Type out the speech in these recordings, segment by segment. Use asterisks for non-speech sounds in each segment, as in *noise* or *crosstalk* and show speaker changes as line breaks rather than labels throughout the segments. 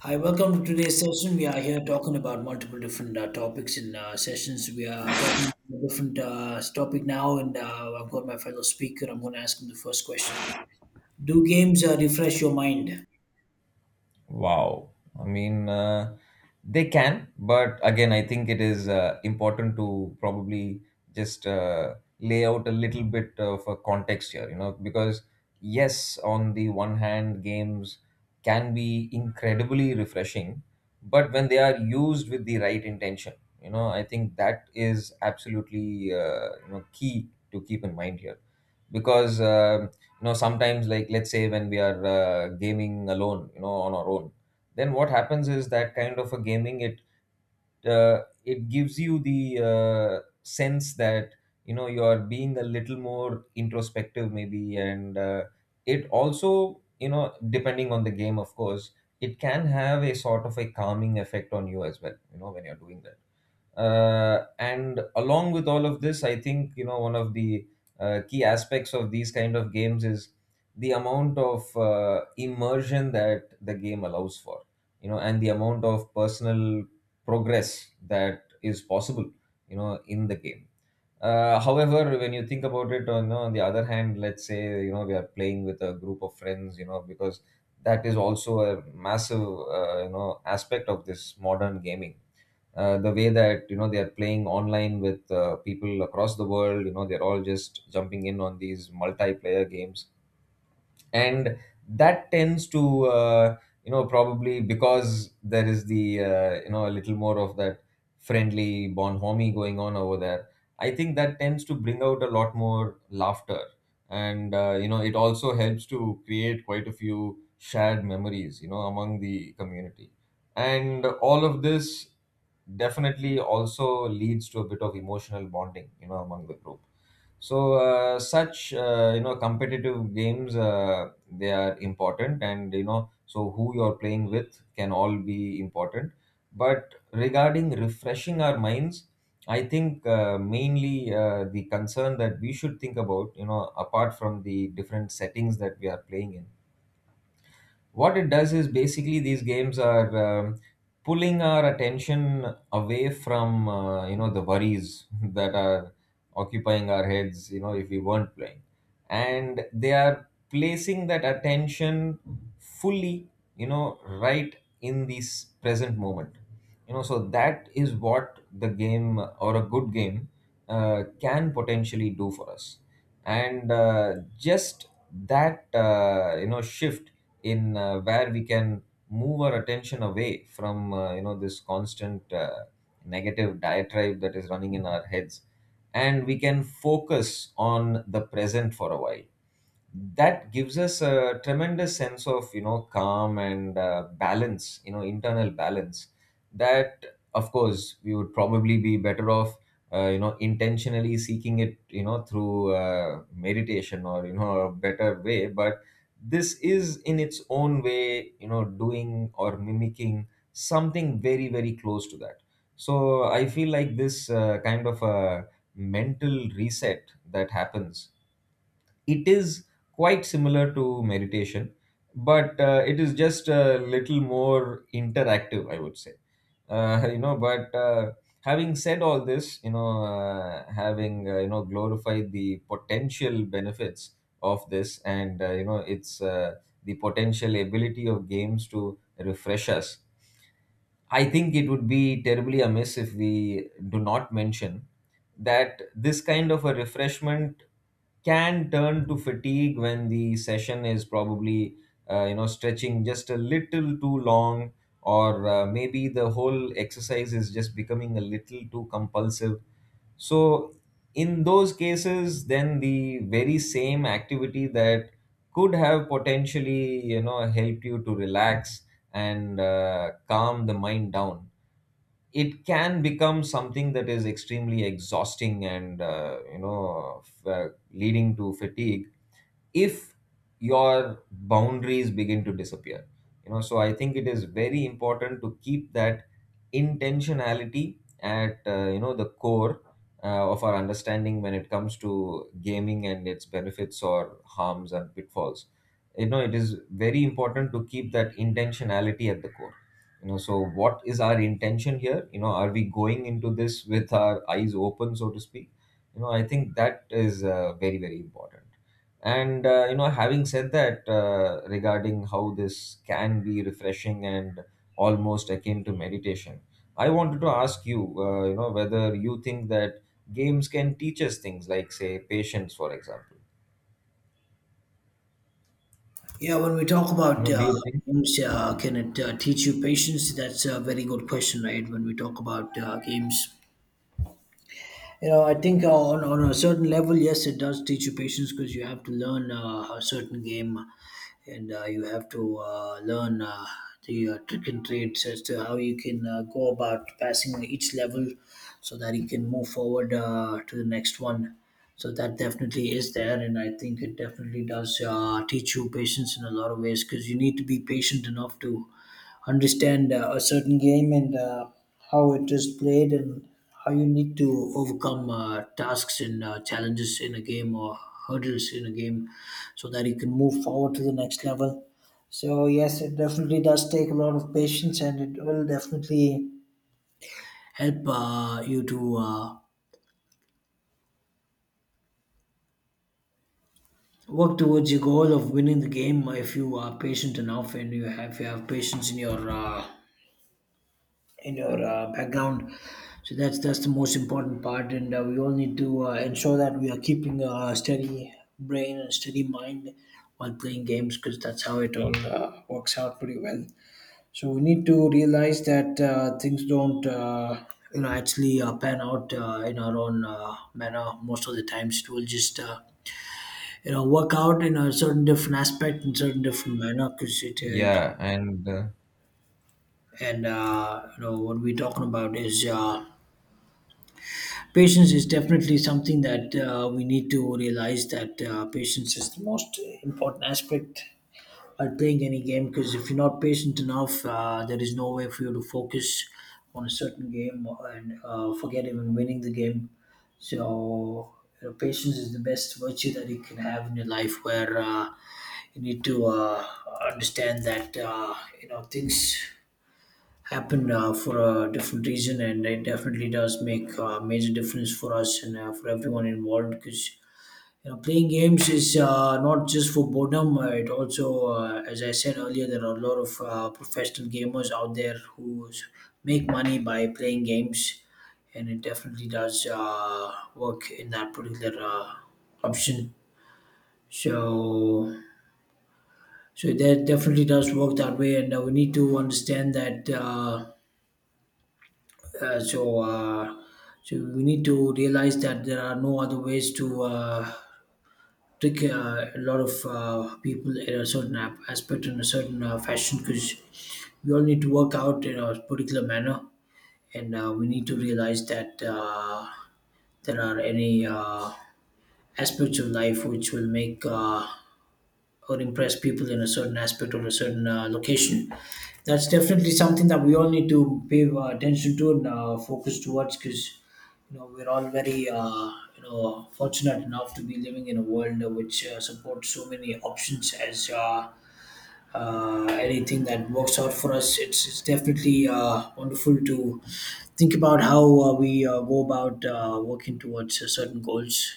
Hi, welcome to today's session. We are here talking about multiple different topics in sessions. We are talking about a different topic now, and I've got my fellow speaker. I'm going to ask him the first question. Do games refresh your mind?
Wow. I mean, they can, but again, I think it is important to probably just lay out a little bit of a context here, you know, because yes, on the one hand, games can be incredibly refreshing, but when they are used with the right intention, you know, I think that is absolutely you know key to keep in mind here because you know sometimes like let's say when we are gaming alone, you know, on our own. Then what happens is that kind of a gaming, it gives you the sense that you know you are being a little more introspective maybe. And it also, you know, depending on the game of course, it can have a sort of a calming effect on you as well, you know, when you're doing that. And along with all of this, I think, you know, one of the key aspects of these kind of games is the amount of immersion that the game allows for, you know, and the amount of personal progress that is possible, you know, in the game. However, when you think about it, on the other hand, let's say you know we are playing with a group of friends, you know, because that is also a massive you know aspect of this modern gaming. The way that you know they are playing online with people across the world, you know, they're all just jumping in on these multiplayer games. And that tends to you know, probably because there is the you know a little more of that friendly bonhomie going on over there, I think that tends to bring out a lot more laughter. And you know it also helps to create quite a few shared memories, you know, among the community. And all of this definitely also leads to a bit of emotional bonding, you know, among the group. So such you know competitive games, they are important, and you know so who you're playing with can all be important. But regarding refreshing our minds, I think mainly the concern that we should think about, you know, apart from the different settings that we are playing in, what it does is basically these games are pulling our attention away from you know the worries *laughs* that are occupying our heads, you know, if we weren't playing, and they are placing that attention fully, you know, right in this present moment. You know, so that is what the game or a good game can potentially do for us. And just that you know shift in where we can move our attention away from you know this constant negative diatribe that is running in our heads, and we can focus on the present for a while. That gives us a tremendous sense of, you know, calm and balance, you know, internal balance. That, of course, we would probably be better off you know intentionally seeking it, you know, through meditation or you know a better way, but this is in its own way, you know, doing or mimicking something very very close to that. So I feel like this kind of a mental reset that happens, it is quite similar to meditation, but it is just a little more interactive, I would say. *laughs* You know, but having said all this, you know, having you know glorified the potential benefits of this, and you know it's the potential ability of games to refresh us, I think it would be terribly amiss if we do not mention that this kind of a refreshment can turn to fatigue when the session is probably you know stretching just a little too long, or maybe the whole exercise is just becoming a little too compulsive. So, in those cases, then the very same activity that could have potentially, you know, helped you to relax and calm the mind down, it can become something that is extremely exhausting and, you know, leading to fatigue if your boundaries begin to disappear. You know, so I think it is very important to keep that intentionality at you know the core of our understanding when it comes to gaming and its benefits or harms and pitfalls. You know, it is very important to keep that intentionality at the core. You know, so what is our intention here? You know, are we going into this with our eyes open, so to speak? You know, I think that is very very important. And you know, having said that, regarding how this can be refreshing and almost akin to meditation, I wanted to ask you, you know, whether you think that games can teach us things like, say, patience, for example.
Yeah, when we talk
You
about
know, do you think?
games, can it teach you patience? That's a very good question, right? When we talk about games, I think on a certain level, yes, it does teach you patience because you have to learn a certain game and you have to learn the trick and trades as to how you can go about passing each level so that you can move forward to the next one. So that definitely is there, and I think it definitely does teach you patience in a lot of ways because you need to be patient enough to understand a certain game and how it is played and how you need to overcome tasks and challenges in a game or hurdles in a game so that you can move forward to the next level. So, yes, it definitely does take a lot of patience and it will definitely help you to work towards your goal of winning the game if you are patient enough and if you have patience in your background. So that's the most important part, and we all need to ensure that we are keeping a steady brain and steady mind while playing games, because that's how it all works out pretty well. So we need to realize that things don't. You know, actually pan out in our own manner most of the times. It will just, work out in a certain different aspect, in certain different manner, because it,
Yeah, and
and, you know, what we're talking about is patience. Is definitely something that we need to realize that patience is the most important aspect at playing any game because if you're not patient enough, there is no way for you to focus on a certain game and forget even winning the game. So, you know, patience is the best virtue that you can have in your life where you need to understand that you know things happen for a different reason and it definitely does make a major difference for us and for everyone involved because you know playing games is not just for boredom, it also, as I said earlier, there are a lot of professional gamers out there who make money by playing games and it definitely does work in that particular option. So so that definitely does work that way and we need to understand that Uh, so, uh, so we need to realize that there are no other ways to trick a lot of people in a certain aspect in a certain fashion because we all need to work out in a particular manner, and we need to realize that there are any aspects of life which will make. Or impress people in a certain aspect or a certain location. That's definitely something that we all need to pay attention to and focus towards because you know we're all very you know fortunate enough to be living in a world which supports so many options as anything that works out for us. It's definitely wonderful to think about how we go about working towards certain goals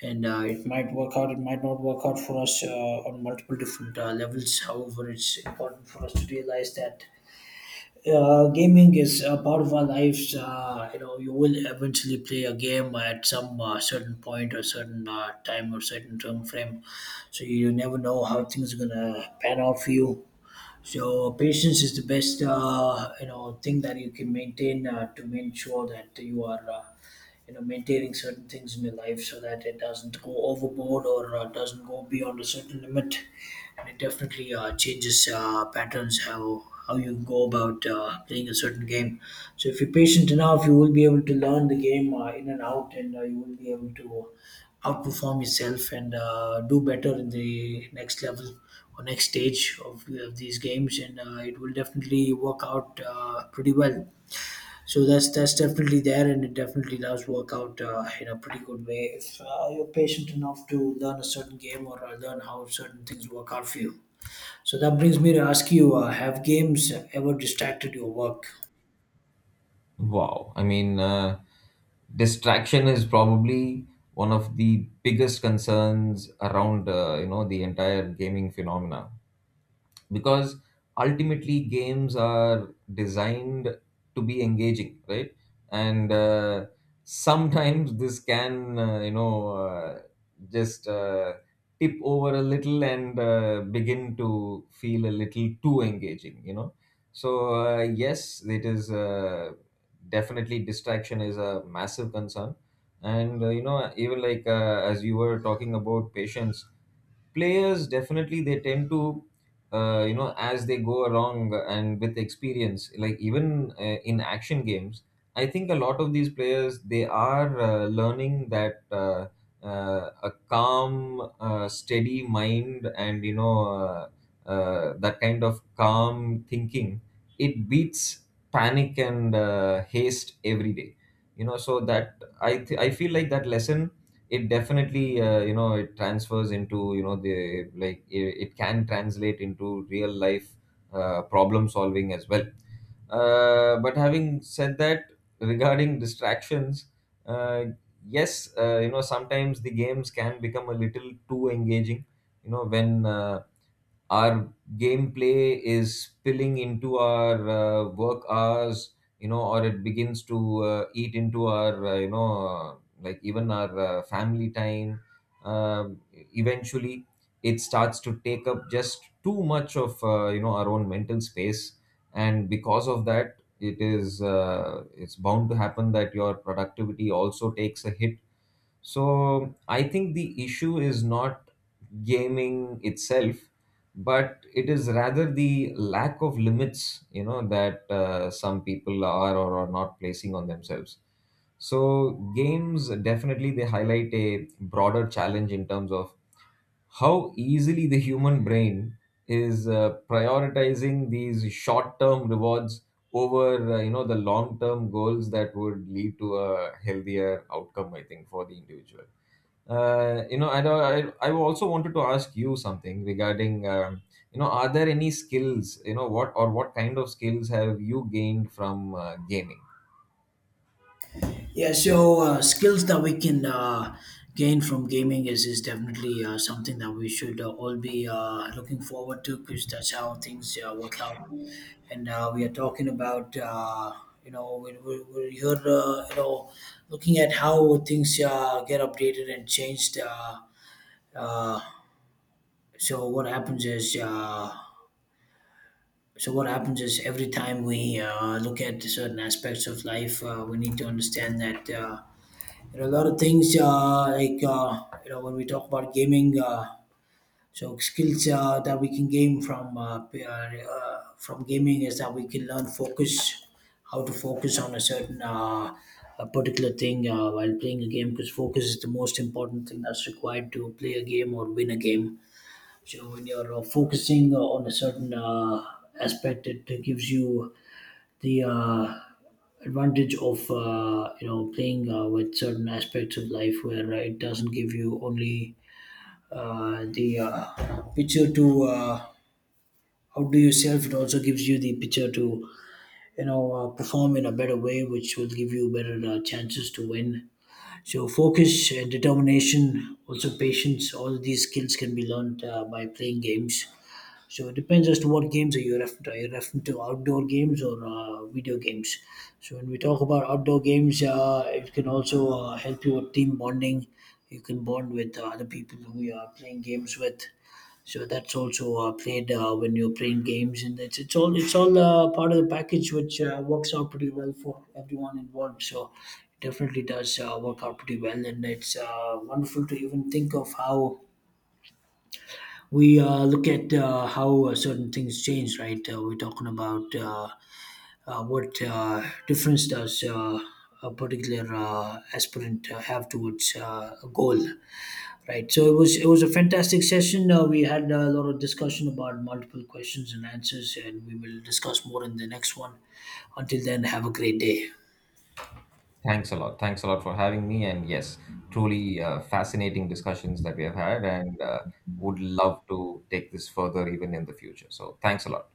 and it might work out, it might not work out for us on multiple different levels. However, it's important for us to realize that gaming is a part of our lives. You know, you will eventually play a game at some certain point or certain time or certain term frame. So you never know how things are gonna pan out for you. So patience is the best, you know, thing that you can maintain to make sure that you are, you know, maintaining certain things in your life so that it doesn't go overboard or doesn't go beyond a certain limit. And it definitely changes patterns, how you go about playing a certain game. So if you're patient enough, you will be able to learn the game in and out, and you will be able to outperform yourself and do better in the next level or next stage of these games and it will definitely work out pretty well. So that's definitely there and it definitely does work out in a pretty good way if you're patient enough to learn a certain game or learn how certain things work out for you. So that brings me to ask you, have games ever distracted your work?
wow, I mean, distraction is probably one of the biggest concerns around, you know, the entire gaming phenomena, because ultimately games are designed to be engaging, right? And sometimes this can you know just tip over a little and begin to feel a little too engaging, you know. So yes, it is definitely distraction is a massive concern. And you know, even like as you were talking about patience, players definitely they tend to you know, as they go along and with experience, like even in action games, I think a lot of these players they are learning that a calm steady mind and you know that kind of calm thinking, it beats panic and haste every day. You know, so that I feel like that lesson, it definitely you know it transfers into, you know, the, like, it can translate into real life problem solving as well. But having said that, regarding distractions, uh, yes, you know sometimes the games can become a little too engaging. You know, when our gameplay is spilling into our work hours, you know, or it begins to eat into our you know like even our family time. Um eventually it starts to take up just too much of you know our own mental space, and because of that, it is uh, it's bound to happen that your productivity also takes a hit. So I think the issue is not gaming itself, but it is rather the lack of limits, you know, that some people are or are not placing on themselves. So games definitely they highlight a broader challenge in terms of how easily the human brain is prioritizing these short-term rewards over you know the long-term goals that would lead to a healthier outcome, I think, for the individual. You know, and I also wanted to ask you something regarding, you know, are there any skills, you know, what or what kind of skills have you gained from gaming?
Yeah, so skills that we can gain from gaming is definitely something that we should all be looking forward to because that's how things work out. And we are talking about, we're here, looking at how things get updated and changed. Uh, so what happens is, uh, so what happens is every time we look at certain aspects of life, we need to understand that. There are a lot of things like you know when we talk about gaming. So skills that we can gain from from gaming is that we can learn focus, how to focus on a certain a particular thing while playing a game. Because focus is the most important thing that's required to play a game or win a game. So when you're focusing on a certain aspect, it gives you the advantage of you know playing with certain aspects of life where it doesn't give you only the picture to outdo yourself, it also gives you the picture to you know perform in a better way which will give you better chances to win. So focus and determination, also patience, all of these skills can be learned by playing games. So it depends as to what games are you referring to. Are you referring to outdoor games or video games? So when we talk about outdoor games, it can also help you with team bonding. You can bond with other people who you are playing games with. So that's also played when you're playing games, and it's all part of the package, which works out pretty well for everyone involved. So it definitely does work out pretty well, and it's wonderful to even think of how we look at how certain things change, right? We're talking about what difference does a particular aspirant have towards a goal, right? So it was a fantastic session. We had a lot of discussion about multiple questions and answers, and we will discuss more in the next one. Until then, have a great day.
Thanks a lot. Thanks a lot for having me. And yes, truly fascinating discussions that we have had, and would love to take this further even in the future. So thanks a lot.